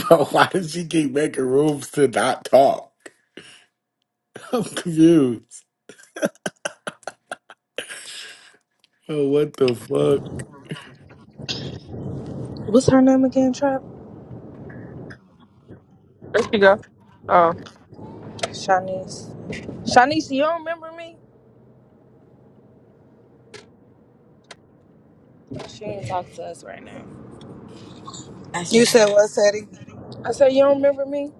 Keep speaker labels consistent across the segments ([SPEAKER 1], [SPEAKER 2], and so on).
[SPEAKER 1] Bro, why does she keep making rooms to not talk? I'm confused. Oh, what the fuck?
[SPEAKER 2] What's her name again, Trap?
[SPEAKER 3] There you go. Oh.
[SPEAKER 2] Shanice. Shanice, you don't remember me? She ain't talk to us right now.
[SPEAKER 4] I You said said what, Teddy?
[SPEAKER 2] I said, you don't remember me?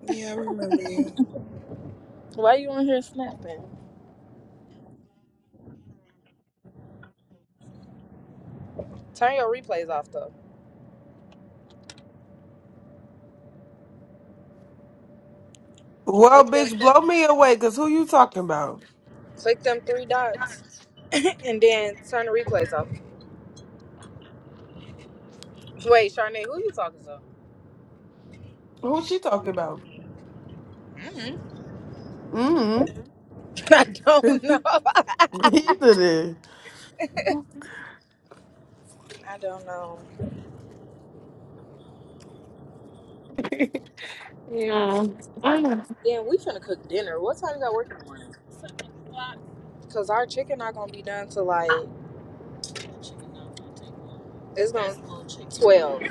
[SPEAKER 4] Yeah, I remember you.
[SPEAKER 2] Why you on here snapping? Turn your replays off though.
[SPEAKER 5] Well,
[SPEAKER 2] Click them,
[SPEAKER 5] bitch, blow me away, cause who you talking about?
[SPEAKER 2] click them three dots, and then turn the replays off. Wait, Sharnay, who you talking to?
[SPEAKER 5] Who she talking about?
[SPEAKER 2] Mhm.
[SPEAKER 5] Mm.
[SPEAKER 2] I don't know.
[SPEAKER 5] Either then.
[SPEAKER 2] I don't know.
[SPEAKER 3] yeah. Mm.
[SPEAKER 2] Then we finna cook dinner. What time you got work in the morning? Cause our chicken not gonna be done till like it's gonna twelve.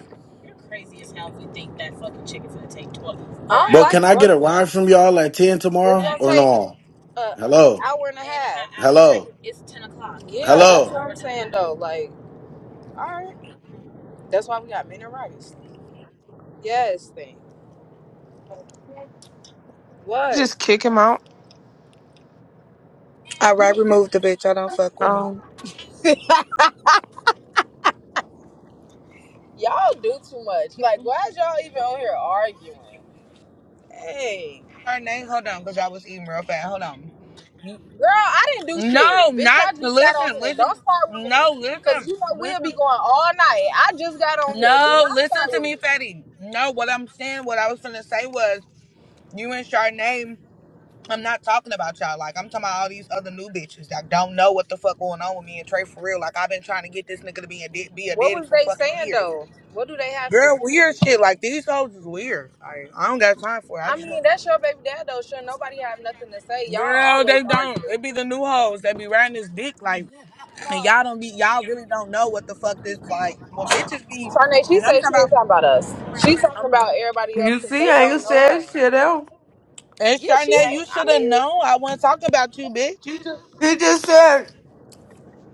[SPEAKER 2] I don't
[SPEAKER 1] Bro, can
[SPEAKER 2] like
[SPEAKER 1] I get
[SPEAKER 2] rub.
[SPEAKER 1] a ride from y'all at 10
[SPEAKER 2] It's
[SPEAKER 1] tomorrow
[SPEAKER 2] gonna
[SPEAKER 1] or
[SPEAKER 2] take.
[SPEAKER 1] no?
[SPEAKER 2] uh, an
[SPEAKER 1] Hello?
[SPEAKER 2] hour and a half. And
[SPEAKER 1] Hello?
[SPEAKER 2] Yeah, that's what
[SPEAKER 1] Hello?
[SPEAKER 2] I'm saying though. Like, all right, that's why we got men and rice. Yes, thing. What?
[SPEAKER 3] Just kick him out.
[SPEAKER 4] I right removed the bitch. I don't fuck with him.
[SPEAKER 3] Um,
[SPEAKER 2] y'all do too much. Like, why is y'all even on here arguing? Hey,
[SPEAKER 4] her name. Hold on, because I was eating real fast. Hold on.
[SPEAKER 2] girl, I didn't do
[SPEAKER 4] No,
[SPEAKER 2] shit, bitch.
[SPEAKER 4] not
[SPEAKER 2] I just got on
[SPEAKER 4] listen,
[SPEAKER 2] here.
[SPEAKER 4] listen.
[SPEAKER 2] Don't start with
[SPEAKER 4] No,
[SPEAKER 2] me, cause
[SPEAKER 4] listen,
[SPEAKER 2] you know we'll be
[SPEAKER 4] listen.
[SPEAKER 2] going all night. I just got on here. Do
[SPEAKER 4] No,
[SPEAKER 2] not start
[SPEAKER 4] listen to
[SPEAKER 2] with
[SPEAKER 4] me,
[SPEAKER 2] me.
[SPEAKER 4] Fatty. No, what I'm saying, what I was gonna say was, you and Charnay. I'm not talking about y'all. Like I'm talking about all these other new bitches that don't know what the fuck going on with me and Trey for real. Like I've been trying to get this nigga to be a da- be a
[SPEAKER 2] What
[SPEAKER 4] daddy
[SPEAKER 2] was
[SPEAKER 4] for
[SPEAKER 2] they
[SPEAKER 4] fucking
[SPEAKER 2] saying
[SPEAKER 4] years.
[SPEAKER 2] though? What do they have to
[SPEAKER 4] Girl,
[SPEAKER 2] say?
[SPEAKER 4] weird shit like these hoes is weird. Like I don't got time for it. I
[SPEAKER 2] I
[SPEAKER 4] just
[SPEAKER 2] mean,
[SPEAKER 4] want
[SPEAKER 2] that's
[SPEAKER 4] to.
[SPEAKER 2] your baby dad though. Sure, nobody have nothing to say. Y'all
[SPEAKER 4] Girl,
[SPEAKER 2] always
[SPEAKER 4] they don't.
[SPEAKER 2] argue.
[SPEAKER 4] It be the new hoes that be riding this dick like, and y'all don't be. Y'all really don't know what the fuck this like. When bitches be,
[SPEAKER 2] Charnay, she
[SPEAKER 4] and I'm
[SPEAKER 2] say
[SPEAKER 4] talking
[SPEAKER 2] she
[SPEAKER 4] about.
[SPEAKER 2] ain't talking about us. She's talking about everybody else
[SPEAKER 5] You
[SPEAKER 2] because
[SPEAKER 5] see,
[SPEAKER 2] they
[SPEAKER 5] I ain't
[SPEAKER 2] don't know
[SPEAKER 5] said
[SPEAKER 2] her.
[SPEAKER 5] shit out.
[SPEAKER 4] And
[SPEAKER 2] Yeah, she
[SPEAKER 4] Charnay, you
[SPEAKER 2] ain't. I
[SPEAKER 4] should have
[SPEAKER 2] mean,
[SPEAKER 4] known. I wasn't talking about you, bitch. You
[SPEAKER 5] He just said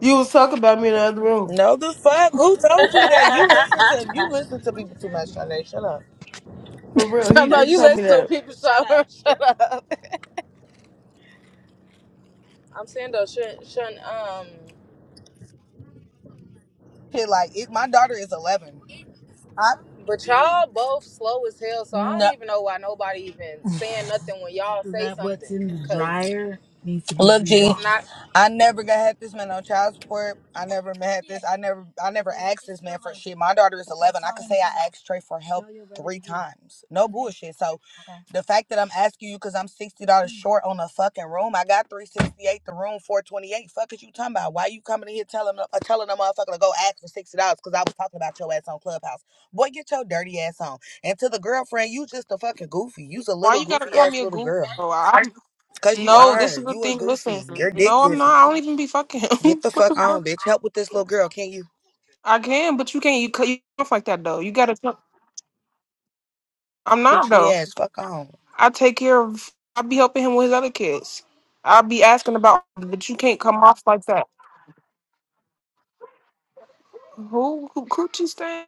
[SPEAKER 5] you was talking about me in the other room.
[SPEAKER 4] know the fuck? Who told you that? You listen to you listen to people too much, Charnay. Shut up.
[SPEAKER 5] For real. He
[SPEAKER 2] talking about
[SPEAKER 5] just
[SPEAKER 2] you
[SPEAKER 5] told me
[SPEAKER 2] listen to
[SPEAKER 5] that.
[SPEAKER 2] people shut up. Shut up. I'm saying though, shouldn't, shouldn't um,
[SPEAKER 4] Shit, like it, my daughter is 11. I
[SPEAKER 2] but y'all both slow as hell. So I
[SPEAKER 4] no.
[SPEAKER 2] don't even know why nobody even saying nothing when y'all
[SPEAKER 4] So
[SPEAKER 2] say
[SPEAKER 4] that what's
[SPEAKER 2] something
[SPEAKER 4] in the
[SPEAKER 2] because
[SPEAKER 4] dryer needs to be Look, G,
[SPEAKER 2] it's
[SPEAKER 4] washed.
[SPEAKER 2] not.
[SPEAKER 4] I never got had this man on child support. I never met this. I never, I never asked this man for shit. My daughter is eleven. I could say I asked Trey for help three times. No bullshit. So, the fact that I'm asking you because I'm sixty dollars short on a fucking room. I got three sixty eight. The room four twenty eight. Fuck is you talking about? Why you coming in here telling uh, telling a motherfucker to go ask for sixty dollars? Because I was talking about your ass on Clubhouse. Boy, get your dirty ass on. And to the girlfriend, you just a fucking goofy. You's a
[SPEAKER 3] why
[SPEAKER 4] little
[SPEAKER 3] you gotta
[SPEAKER 4] goofy
[SPEAKER 3] call
[SPEAKER 4] ass
[SPEAKER 3] me a
[SPEAKER 4] little
[SPEAKER 3] guru?
[SPEAKER 4] girl.
[SPEAKER 3] I,
[SPEAKER 4] Cause you
[SPEAKER 3] no,
[SPEAKER 4] are.
[SPEAKER 3] this is the
[SPEAKER 4] You are
[SPEAKER 3] thing. Listen,
[SPEAKER 4] goofy. Your dick
[SPEAKER 3] no, I'm not.
[SPEAKER 4] is
[SPEAKER 3] I don't even be fucking
[SPEAKER 4] get
[SPEAKER 3] him.
[SPEAKER 4] the fuck on, bitch. Help with this little girl, can not you?
[SPEAKER 3] I can, but you can't. You cut you off like that though. You gotta. tell- I'm not
[SPEAKER 4] Poochie
[SPEAKER 3] though.
[SPEAKER 4] ass, fuck on.
[SPEAKER 3] I take care of. I be helping him with his other kids. I be asking about, but you can't come off like that. Who, who coochie stand?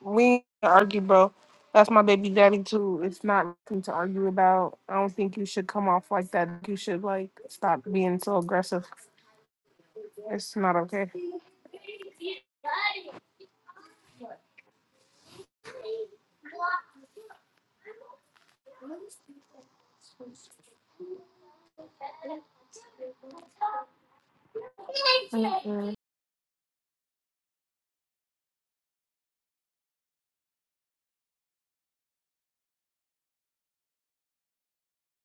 [SPEAKER 3] We ain't gonna argue, bro. That's my baby daddy too. It's not nothing to argue about. I don't think you should come off like that. You should like stop being so aggressive. It's not okay.